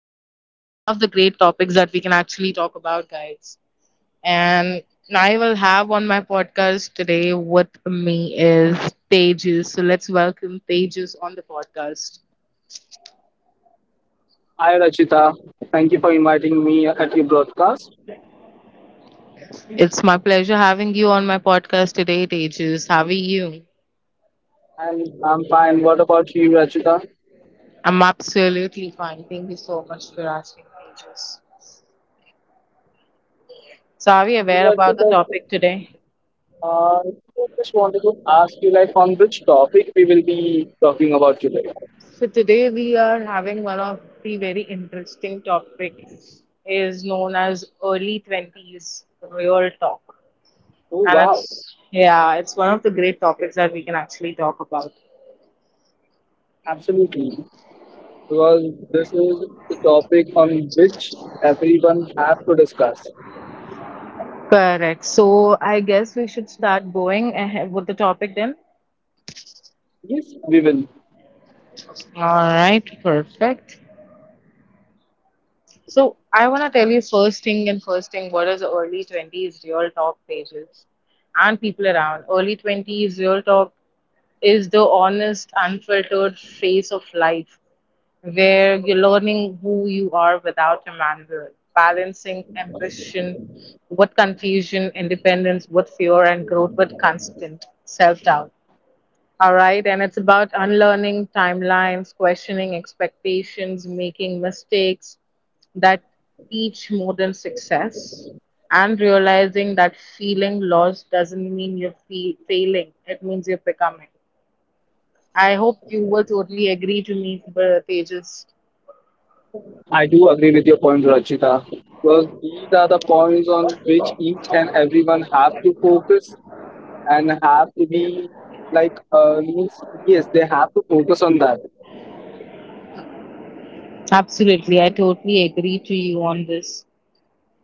talk, and it's one of the great topics that we can actually talk about, guys. And I will have on my podcast today with me is Tejas. So let's welcome Tejas on the podcast. Hi Rachita, thank you for inviting me at your broadcast. It's my pleasure having you on my podcast today, Tejas. How are you? And I'm fine. What about you, Rachita? I'm absolutely fine. Thank you so much for asking, Tejas. So, are we So, aware about the Rachita, topic today? uh, I just wanted to ask you, like, on which topic we will be talking about today? So today we are having one of the very interesting topics is known as early 20s real talk. Oh And wow, it's, yeah, it's one of the great topics that we can actually talk about. absolutely. Because this is the topic on which everyone have to discuss. Correct. So I guess we should start going ahead with the topic then. Yes, we will. All right, perfect. So I want to tell you first thing and first thing what is early 20s real talk pages and people around. Early 20s real talk is the honest, unfiltered face of life where you're learning who you are without a manual, balancing ambition, what confusion, independence, what fear, and growth, with constant self doubt. All right, and it's about unlearning timelines, questioning expectations, making mistakes that teach more than success, and realizing that feeling lost doesn't mean failing, it means you're becoming. I hope you will totally agree to me, Tejas. I do agree with your point, Rachita. Because these are the points on which each and everyone have to focus and have to be like means yes they have to focus on that Absolutely, I totally agree to you on this.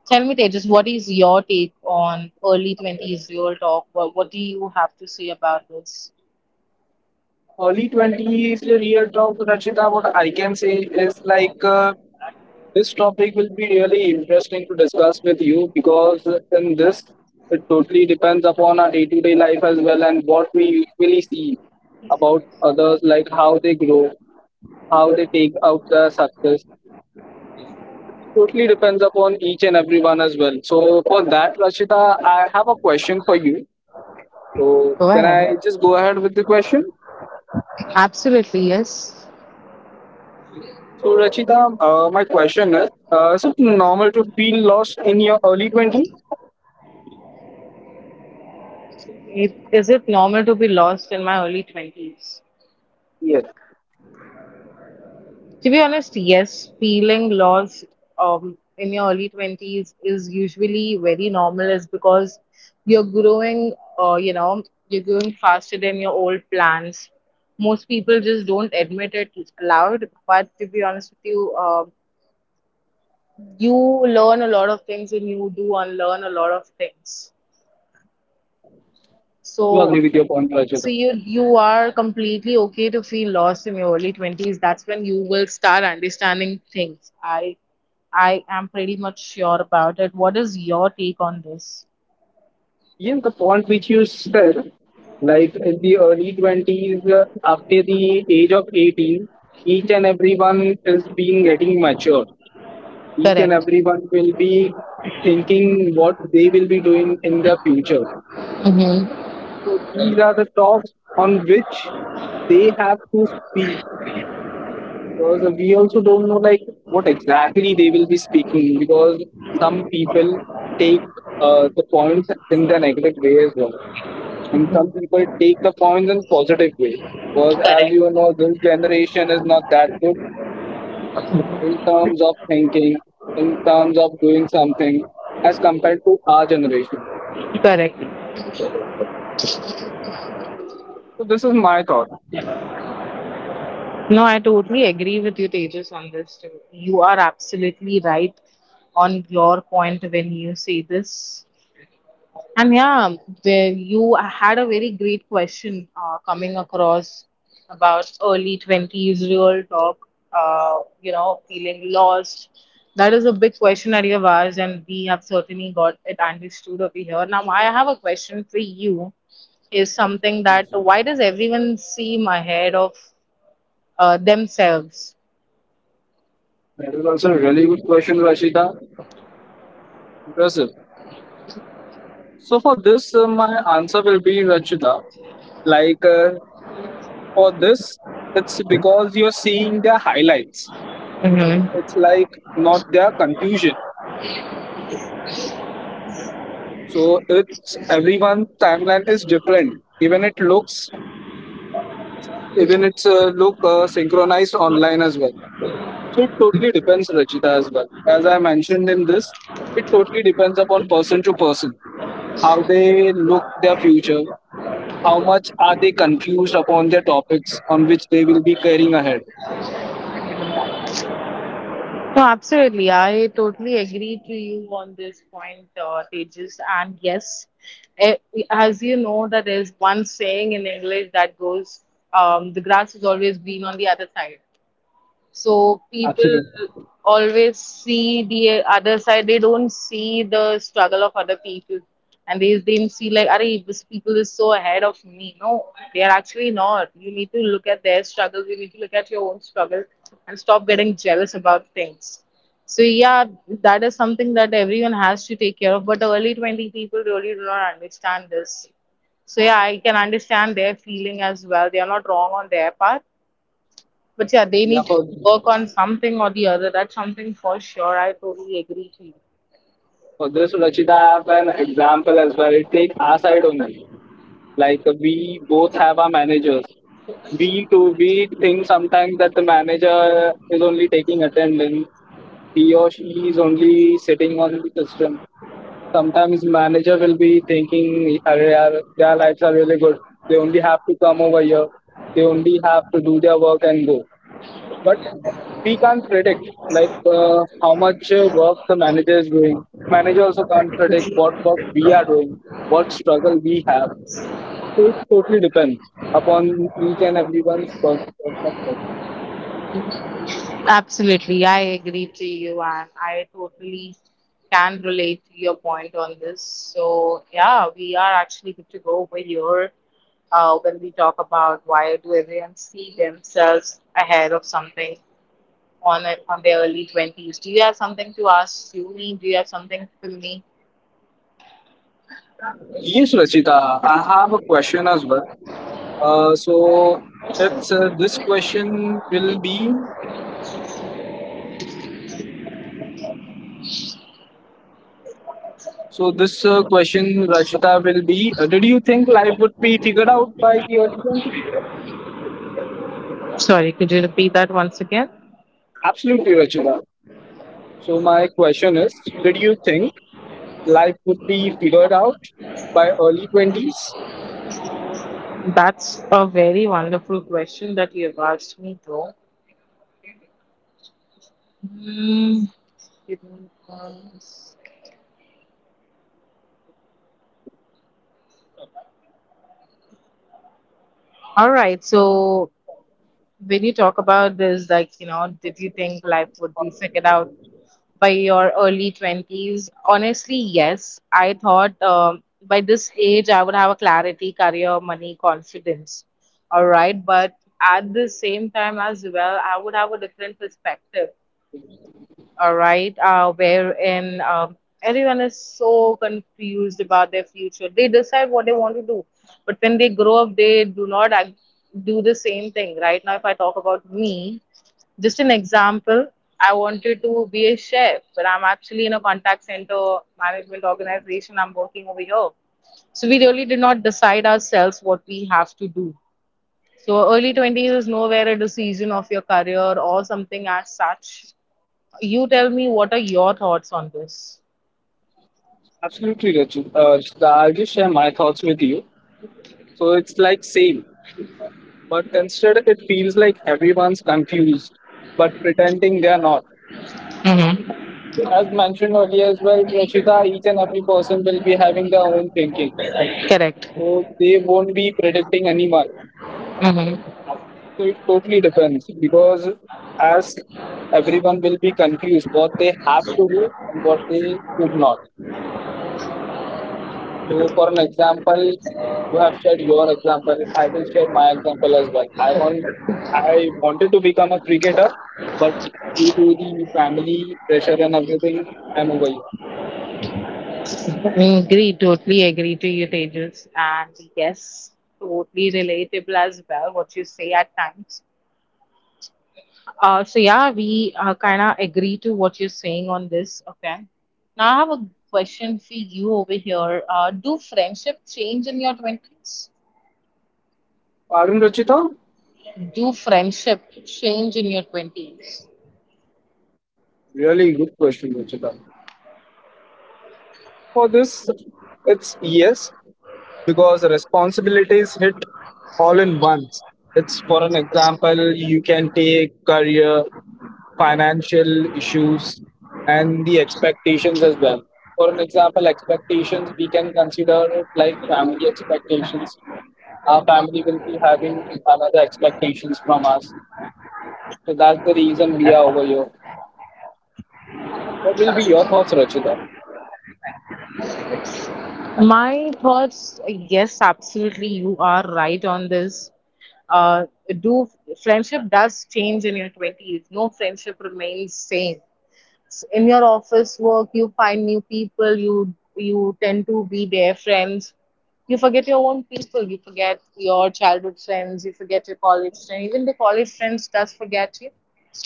Tell me, Tejas, what is your take on early 20s real talk? What do you have to say about this? early 20s real talk, Rachita. What I can say is like, this topic will be really interesting to discuss with you, because in this it totally depends upon our day-to-day life as well, and what we usually see about others, like how they grow, how they take out the success, totally depends upon each and everyone as well. So for that, Rachita, I have a question for you. Go So, ahead. can I just go ahead with the question? Absolutely, yes. So, Rachita, my question is is it normal to feel lost in your early 20s? It, is it normal to be lost in my early 20s? Yes, To be honest, yes, feeling lost in your early 20s is usually very normal, is because you're growing, uh, you know, you're growing faster than your old plans. Most people just don't admit it aloud, but to be honest with you, you learn a lot of things and you do unlearn a lot of things. you agree So with your point, so Rachita. you are completely okay to feel lost in your early 20s. That's when you will start understanding things. I am pretty much sure about it. What is your take on this? Yes, the point which you said, like in the early 20s, after the age of 18, each and everyone is being getting mature. Each and Correct. everyone will be thinking what they will be doing in their future. Mm-hmm. So, these are the talks on which they have to speak. Because we also don't know like what exactly they will be speaking, because some people take the points in the negative way as well, and some people take the points in positive way. Because as Correct. you know, this generation is not that good in terms of thinking, in terms of doing something, as compared to our generation. Correct. So this is my thought. No, I totally agree with you, Tejas, on this too. You are absolutely right on your point when you say this. And yeah, there you had a very great question coming across about early 20s, real talk, feeling lost. That is a big question that you have asked, and we have certainly got it understood over here. Now, I have a question for you is something that why does everyone seem ahead of themselves? That is also a really good question, Rashida. Impressive. So for this, my answer will be, Rashida, like, for this, it's because you're seeing their highlights. Mhm. It's like not their conclusion. So it's everyone's timeline is different. Even it looks, even it's look synchronized online as well. So it totally depends, Rachita, as well. As I mentioned in this, it totally depends upon person to person, how they look their future, how much are they confused upon their topics on which they will be carrying ahead. No, absolutely. I totally agree to you on this point, Tejas. And yes, eh, as you know, that there's one saying in English that goes, "The grass is always green on the other side." So Absolutely. people always see the other side. They don't see the struggle of other people, and they then see like, "Arey, this people is so ahead of me." No, they are actually not. You need to look at their struggle. You need to look at your own struggle, and stop getting jealous about things. So yeah, that is something that everyone has to take care of. But the early twenty people really do not understand this. So yeah, I can understand their feeling as well. They are not wrong on their part, but yeah, they Yeah. need to work on something or the other. That's something for sure. I totally agree to you. For this, Rachita, I have an example as well. Take our side only. Like we both have our managers. We think sometimes that the manager is only taking attendance. He or she is only sitting on the system. Sometimes manager will be thinking, "Arre yaar, their lives are really good. They only have to come over here. They only have to do their work and go." But we can't predict like, how much work the manager is doing. Manager also can't predict what work we are doing, what struggle we have. So it totally depends upon each and everyone's work perspective. Absolutely. I agree to you and I totally can relate to your point on this. So yeah, we are actually good to go over here when we talk about why do everyone see themselves ahead of something on their early 20s. Do you have something to ask you me? Do you have something for me? Yes, Rachita, I have a question as well. So that's this question will be. So this question, Rachita, will be. Did you think life would be figured out by the early 20s? Sorry, could you repeat that once again? Absolutely, Rachita. So my question is, did you think life would be figured out by early 20s? That's a very wonderful question that you have asked me, though. Hmm, give me one s- All right. So, when you talk about this, did you think life would be figured out by your early 20s? Honestly, yes. I thought by this age, I would have a clarity, career, money, confidence. All right. But at the same time, as well, I would have a different perspective, all right, wherein everyone is so confused about their future. They decide what they want to do, but when they grow up, they do not act, do the same thing. Right now, if I talk about me, just an example, I wanted to be a chef, but I'm actually in a contact center management organization. I'm working over here. So we really did not decide ourselves what we have to do. So early 20s is nowhere a decision of your career or something as such. You tell me what are your thoughts on this? Absolutely, Raju. So I'll just share my thoughts with you. So it's like same, but instead it feels like everyone's confused, but pretending they are not. Mm-hmm. As mentioned earlier as well, Rashida, each and every person will be having their own thinking. Correct. So they won't be predicting anyone. Mm-hmm. So it totally depends, because as everyone will be confused what they have to do and what they should not. So for an example, you have shared your example. I will share my example as well. I wanted to become a cricketer, but due to the family pressure and everything, I'm over here. Agree. Totally agree to you, Tejas. And yes, totally relatable as well, what you say at times. So, yeah, we kind of agree to what you're saying on this. Okay. Now, I have a question for you over here. Do friendship change in your 20s? Pardon, Ruchita? Do friendship change in your 20s? Really good question, Ruchita. For this, it's yes, because responsibilities hit all in once. It's for an example, you can take career, financial issues, and the expectations as well. For an example, expectations we can consider it like family expectations. Our family will be having another expectations from us. So that's the reason we are over here. What will be your thoughts, Rachita? My thoughts, yes, absolutely, you are right on this. Uh, do friendship does change in your 20s. No friendship remains same in your office work. You find new people. You tend to be their friends. You forget your own people. You forget your childhood friends. You forget your college friends. Even the college friends does forget you,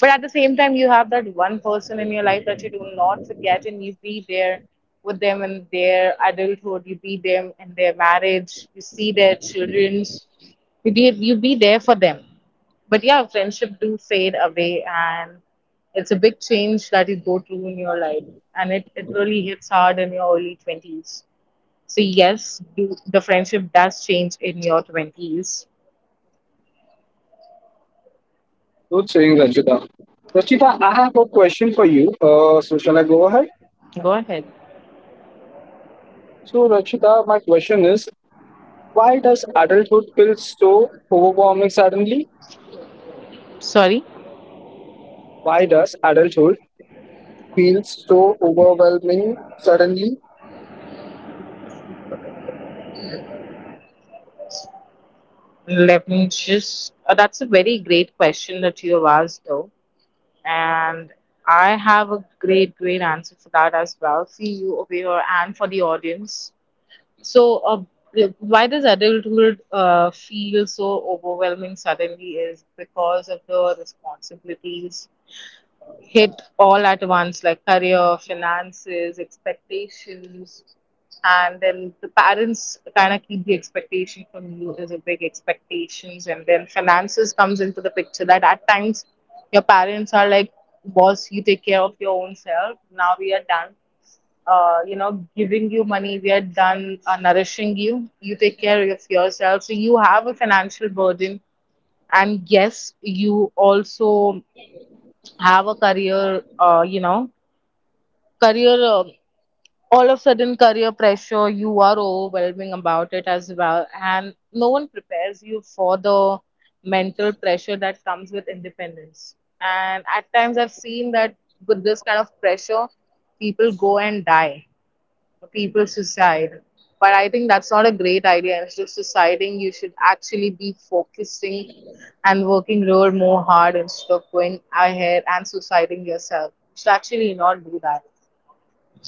but at the same time you have that one person in your life that you do not forget and you be there with them in their adulthood. You be them in their marriage. You see their children's. You be there for them. But yeah, friendship do fade away, and it's a big change that you go through in your life, and it really hits hard in your early twenties. So yes, do, the friendship does change in your twenties. Good saying, Rachita. Rachita, I have a question for you. So shall I go ahead? Go ahead. So, Rachita, my question is, why does adulthood feel so overwhelming suddenly? Sorry, Why does adulthood feel so overwhelming suddenly? let me just. That's a very great question that you have asked, though, and I have a great answer for that as well for you over here and for the audience. So, why does adulthood feel so overwhelming suddenly is because of the responsibilities hit all at once, like career, finances, expectations, and then the parents kind of keep the expectation from you as a big expectations, and then finances comes into the picture, that at times your parents are like, "Boss, you take care of your own self now. We are done giving you money. We are done nourishing you. You take care of yourself." So you have a financial burden. And yes, you also have a career, career, uh, all of sudden career pressure, you are overwhelming about it as well. And no one prepares you for the mental pressure that comes with independence. And at times I've seen that with this kind of pressure, people go and die, people suicide. But I think that's not a great idea. Instead of suiciding, you should actually be focusing and working real more hard instead of going ahead and suiciding yourself. You should actually not do that.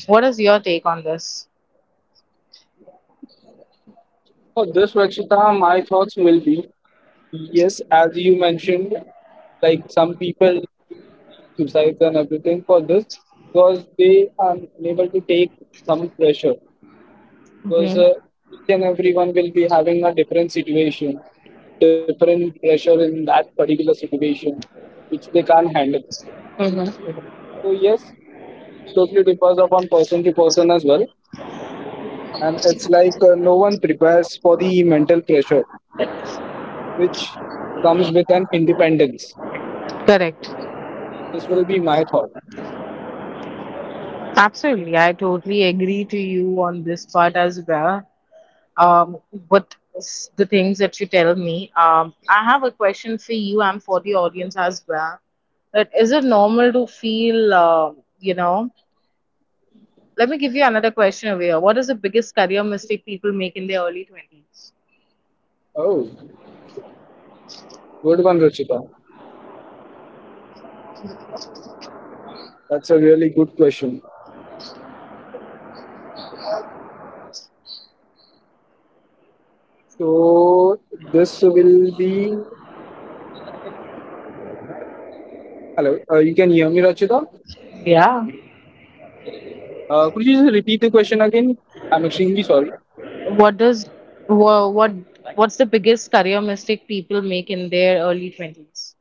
What is your take on this? For this, Rachita, my thoughts will be, yes, as you mentioned, like some people suicides and everything for this, because they are unable to take some pressure. Hmm, Because hmm. each and everyone will be having a different situation, different pressure in that particular situation, which they can't handle. Correct. So yes, it totally depends upon person to person as well, and it's like, no one prepares for the mental pressure which comes with an independence. Correct. This will be my thought. Absolutely. I totally agree to you on this part as well. Um, what is the things that you tell me. I have a question for you and for the audience as well. That is it normal to feel, you know? Let me give you another question over here. What is the biggest career mistake people make in their early twenties? Oh, good one, Ruchita. That's a really good question. So this will be hello. You can hear me, Ruchita? Yeah. Could you just repeat the question again? I'm extremely sorry. What does wha- what what's the biggest career mistake people make in their early twenties?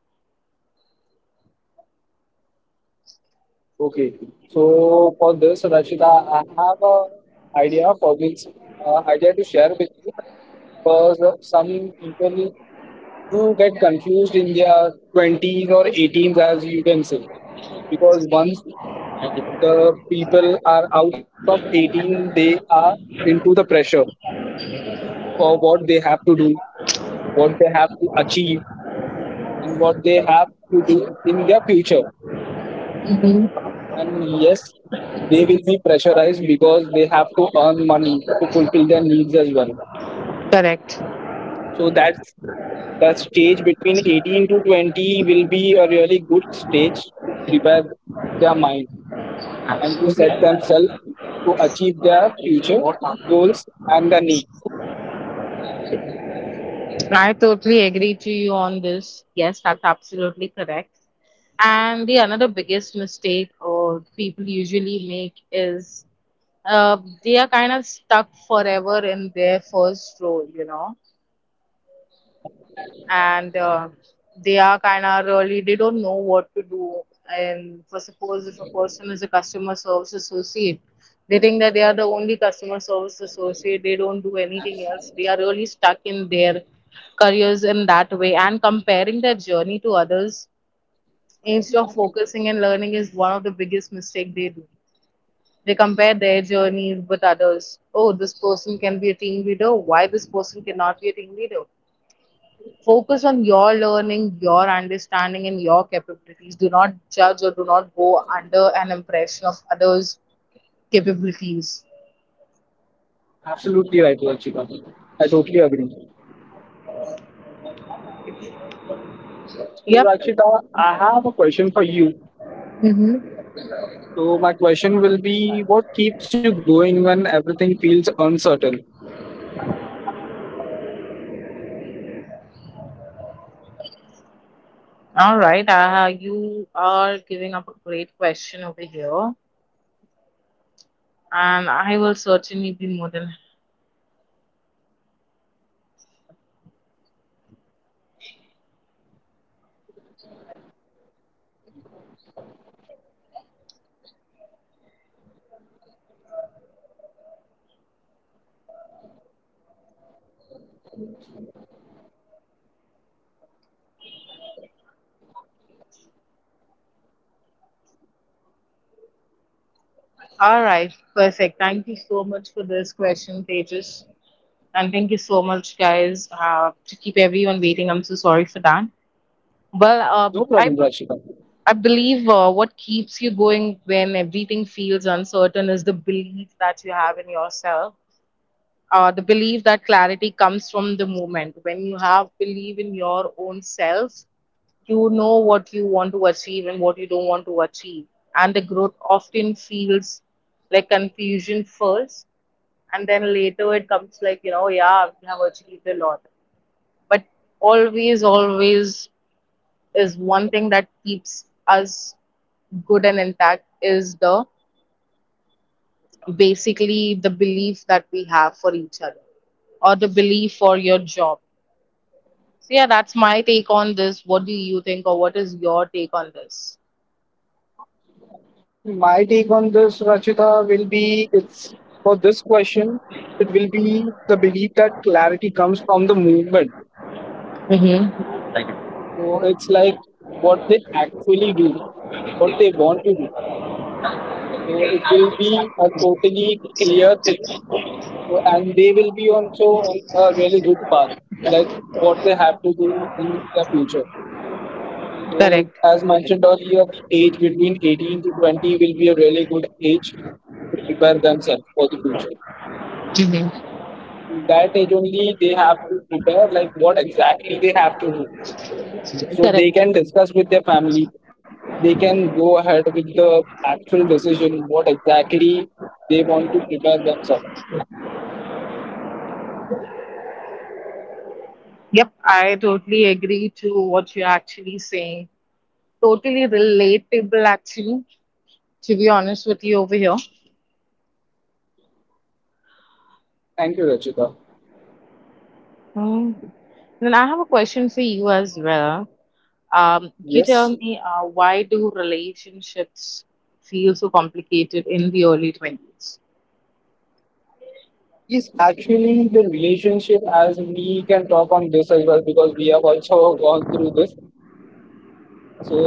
Okay. So for this, Rashida, I have a idea for this, idea to share with you, because some people who get confused in their 20s or 18s, as you can say, because once the people are out of 18, they are into the pressure for what they have to do, what they have to achieve, and what they have to do in their future. Hmm. And yes, they will be pressurized because they have to earn money to fulfill their needs as well. Correct. So that stage between 18 to 20 will be a really good stage to prepare their mind and to set themselves to achieve their future goals and their needs. I totally agree to you on this. Yes, that's absolutely correct. And the another biggest mistake or people usually make is, uh, they are kind of stuck forever in their first role, you know, and they are kind of really they don't know what to do. And for suppose if a person is a customer service associate, they think that they are the only customer service associate. They don't do anything else. They are really stuck in their careers in that way, and comparing their journey to others instead of focusing and learning is one of the biggest mistake they do. They compare their journey with others. Oh, this person can be a team leader. Why this person cannot be a team leader? Focus on your learning, your understanding, and your capabilities. Do not judge or do not go under an impression of others' capabilities. Absolutely right, Rachita. I totally agree. So, Yep. Rachita, I have a question for you. Mm-hmm. So, my question will be, what keeps you going when everything feels uncertain? All right. You are giving up a great question over here, and I will certainly be more than. All right. Perfect. Thank you so much for this question, Tejas. And thank you so much, guys, to keep everyone waiting. I'm so sorry for that. Well, um, No I problem, Rachita. I believe what keeps you going when everything feels uncertain is the belief that you have in yourself. The belief that clarity comes from the moment. When you have belief in your own self, you know what you want to achieve and what you don't want to achieve. And the growth often feels like confusion first, and then later it comes like, you know, yeah, we have achieved a lot. But always, always is one thing that keeps us good and intact is the basically the belief that we have for each other or the belief for your job. So yeah, that's my take on this. What do you think, or what is your take on this? My take on this, Rachita, will be it's for this question, it will be the belief that clarity comes from the movement. Mm-hmm. So it's like what they actually do, what they want to do. So it will be a totally clear thing. So- And they will be also on a really good path, like what they have to do in the future. So Correct. as mentioned earlier, the age between 18 to 20 will be a really good age to prepare themselves for the future. Mm-hmm. With that age only they have to prepare like what exactly they have to do, so they Correct. can discuss with their family, they can go ahead with the actual decision what exactly they want to prepare themselves. Yep, I totally agree to what you're actually saying. Totally relatable, actually, to be honest with you over here. Thank you, Rachita. Mm. Then I have a question for you as well. You tell Yes. me, why do relationships feel so complicated in the early 20s? Yes, actually the relationship as we can talk on this as well, because we have also gone through this. So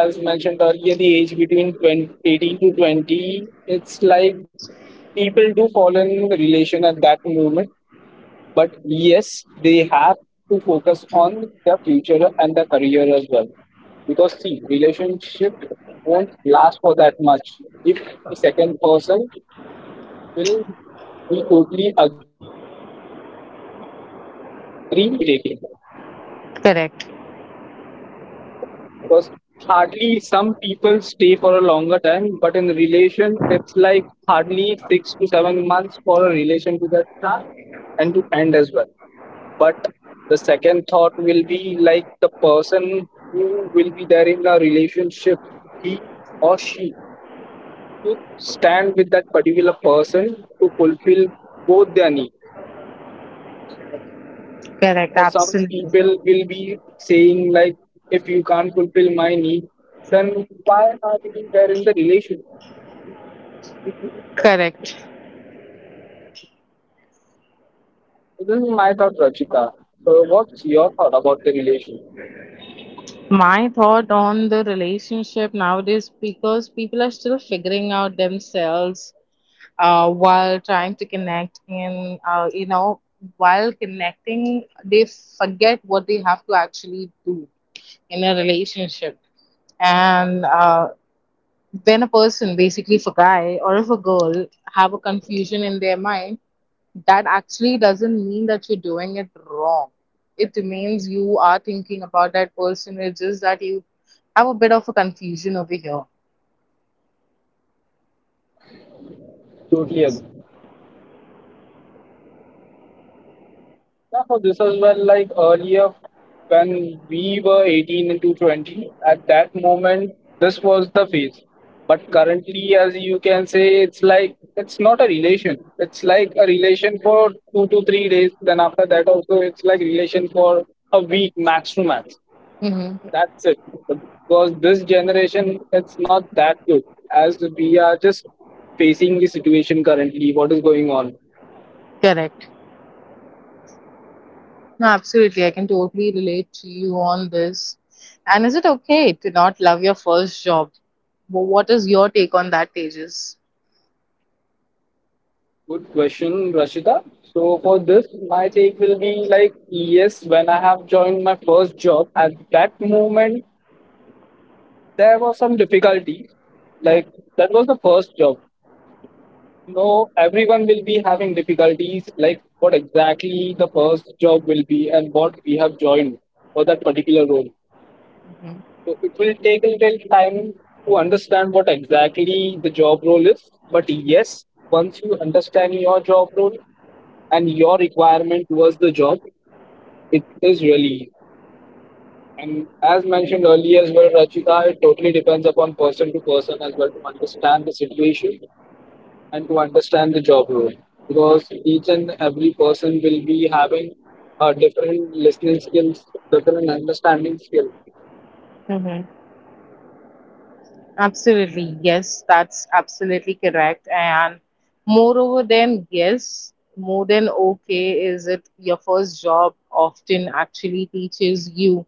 as mentioned earlier, the age between 20, 18 to 20, it's like people do fall in relation at that moment. But yes, they have to focus on their future and their career as well. Because see, relationship won't last for that much if the second person will be totally agree with the decision what exactly the person will be taking. Correct, Because hardly some people stay for a longer time, but in relation it's like hardly 6 to 7 months for a relation to that start and to end as well. But the second thought will be like the person who will be there in a relationship, he or she to stand with that particular person to fulfill both their needs. correct, So some absolutely. people will be saying like, if you can't fulfill my need, then why are you there in the relationship? Correct. So this is my thought, Rachita. So what's your thought about the relation? My thought on the relationship nowadays, because people are still figuring out themselves, while trying to connect in, you know, while connecting, they forget what they have to actually do in a relationship. And when a person, basically if a guy or if a girl, have a confusion in their mind, that actually doesn't mean that you're doing it wrong. It means you are thinking about that person. It's just that you have a bit of a confusion over here. Totally agree. Yeah, so this as well, like earlier when we were 18 into 20, at that moment, this was the phase. But currently, as you can say, it's like it's not a relation. It's like a relation for 2 to 3 days. Then after that, also, it's like relation for a week max to max. Hmm. That's it. Because this generation, it's not that good, as we are just facing the situation currently, what is going on. Correct. No, absolutely. I can totally relate to you on this. And is it okay to not love your first job? What is your take on that, Tejas? Good question, Rashida. So for this, my take will be like yes, when I have joined my first job, at that moment there was some difficulties. Like that was the first job. No, everyone will be having difficulties like what exactly the first job will be and what we have joined for that particular role. So it will take a little time to understand what exactly the job role is. But yes, once you understand your job role and your requirement towards the job, it is really easy. And as mentioned earlier as well, Rachita, it totally depends upon person to person as well to understand the situation and to understand the job role. Because each and every person will be having different listening skills, different understanding skills. Mhm. Absolutely, yes, that's absolutely correct. And moreover, than yes, more than okay is it your first job often actually teaches you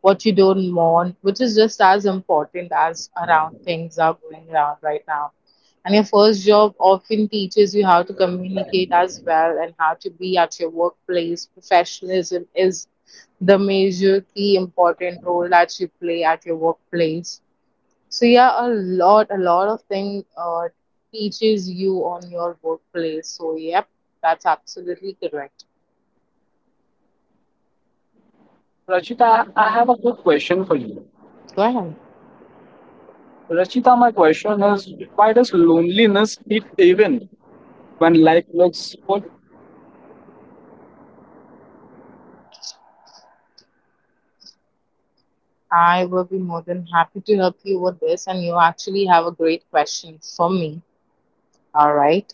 what you don't want, which is just as important as around things are going around right now. And your first job often teaches you how to communicate as well and how to be at your workplace. Professionalism is the major key important role that you play at your workplace, so yeah, a lot of thing teaches you on your workplace. So yep, that's absolutely correct. Rachita, I have a good question for you. Go ahead. Rachita, my question is, why does loneliness hit even when life looks full? I will be more than happy to help you with this, and you actually have a great question for me. All right.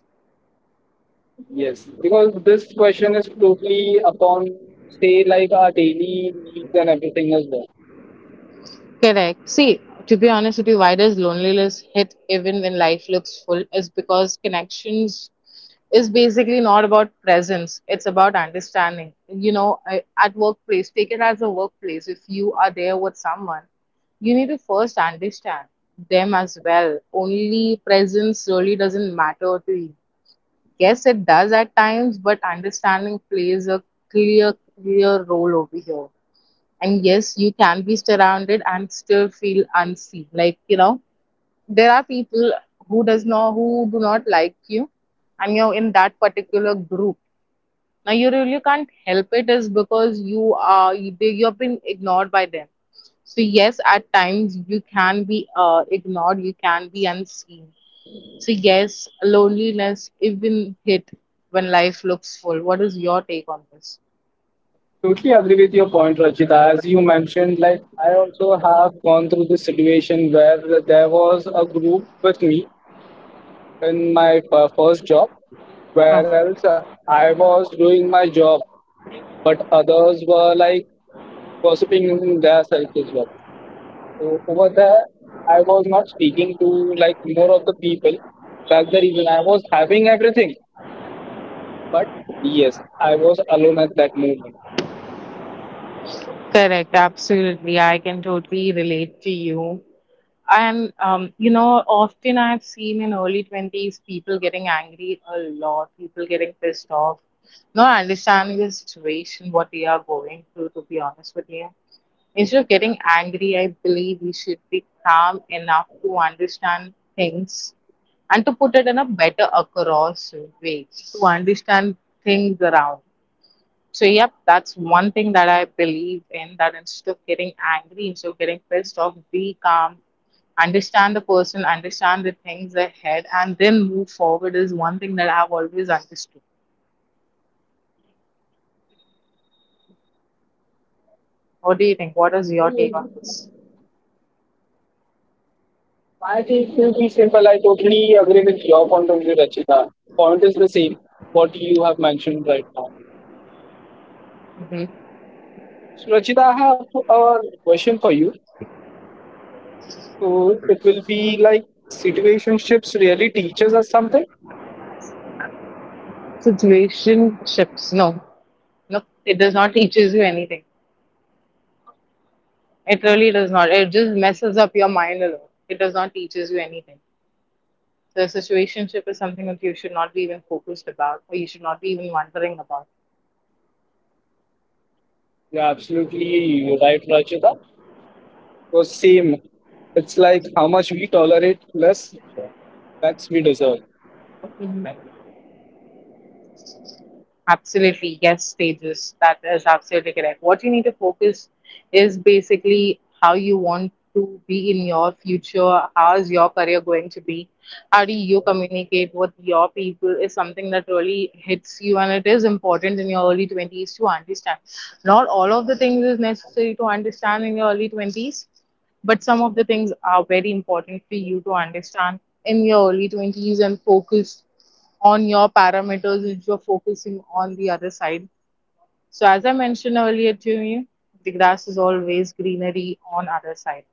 Yes, because this question is totally upon, say, like our daily needs and everything as well. Correct. See, to be honest with you, why does loneliness hit even when life looks full? Is because connections is basically not about presence, it's about understanding. You know, at workplace, take it as a workplace. If you are there with someone, you need to first understand them as well. Only presence really doesn't matter to you. Yes, it does at times, but understanding plays a clear, clear role over here. And yes, you can be surrounded and still feel unseen. Like, you know, there are people who does not who do not like you, and you're in that particular group. Now you really can't help it, is because you are you, you have been ignored by them. So yes, at times you can be ignored, you can be unseen. So yes, loneliness even hit when life looks full. What is your take on this? Totally agree with your point, Rachita. As you mentioned, like I also have gone through this situation where there was a group with me in my first job, Uh-huh. whereas I was doing my job, but others were like gossiping in their self as well. So over there, I was not speaking to like more of the people. That's the reason I was having everything. But yes, I was alone at that moment. Correct, absolutely. I can totally relate to you. And, you know, often I've seen in early 20s people getting angry a lot, people getting pissed off, not understanding the situation, what they are going through, to be honest with you. Instead of getting angry, I believe we should be calm enough to understand things and to put it in a better across way, to understand things around. So, yep, that's one thing that I believe in, that instead of getting angry, instead of getting pissed off, be calm, understand the person, understand the things ahead, and then move forward is one thing that I've always understood. What do you think? What is your take on this? I think it will be simple. I totally agree with your point of view, Rachita. Point is the same, what you have mentioned right now. Hmm. So, Rachita, I have a question for you. So, it will be like, situationships really teaches us something? Situationships, no. No, it does not teaches you anything. It really does not. It just messes up your mind a lot. It does not teaches you anything. So, a situationship is something that you should not be even focused about, or you should not be even wondering about. Yeah, absolutely. You're right, Rachita. Was same. It's like how much we tolerate, less that's we deserve. Absolutely, yes, stages. That is absolutely correct. What you need to focus is basically how you want to be in your future, how is your career going to be, how do you communicate with your people is something that really hits you, and it is important in your early 20s to understand. Not all of the things is necessary to understand in your early 20s, but some of the things are very important for you to understand in your early 20s, and focus on your parameters which you're focusing on the other side. So as I mentioned earlier to you, the grass is always greenery on other side.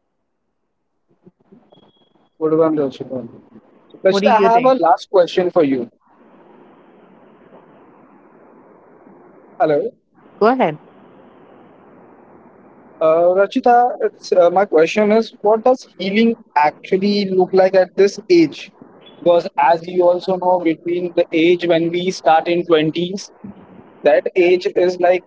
Good one, Rachita. What do Rachita, I you have a think? last question for you. Hello. Go ahead. Rachita, my question is, what does healing actually look like at this age? Because as you also know, between the age when we start in 20s, that age is like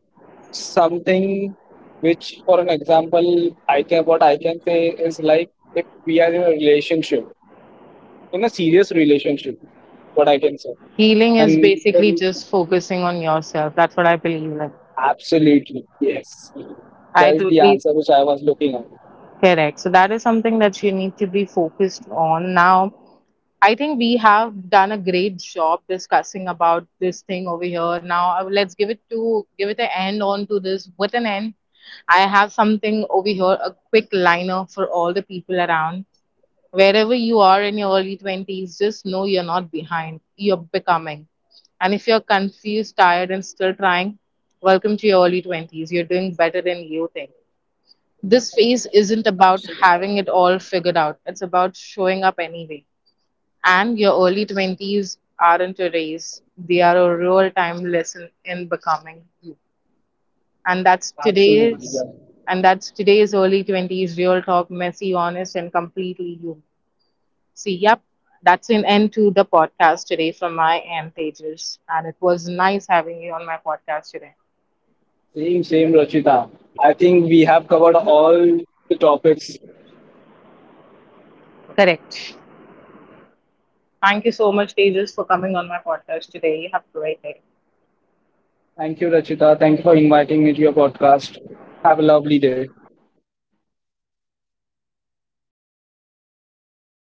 something which, for an example, I can what I can say is like if we are in a relationship, in a serious relationship, what I can say. Healing is And the basically re- just focusing on yourself. That's what I believe in. Absolutely, yes. I That's the totally answer which I was looking at. correct. So that is something that you need to be focused on now. I think we have done a great job discussing about this thing over here. Now let's give it an end on to this. With an end, I have something over here, a quick liner for all the people around. Wherever you are in your early 20s, just know you're not behind. You're becoming. And if you're confused, tired, and still trying, welcome to your early 20s. You're doing better than you think. This phase isn't about having it all figured out. It's about showing up anyway, and your early 20s aren't a race, they are a real time lesson in becoming you. And that's Absolutely. Yeah. today's and that's today's early 20s real talk, messy, honest, and completely human. See, yep, that's an end to the podcast today from my end, Tejas. And it was nice having you on my podcast today. Same, same, Rachita. I think we have covered all the topics. Correct. Thank you so much, Tejas, for coming on my podcast today. You have a great day. Thank you, Rachita. Thank you for inviting me to your podcast. Have a lovely day.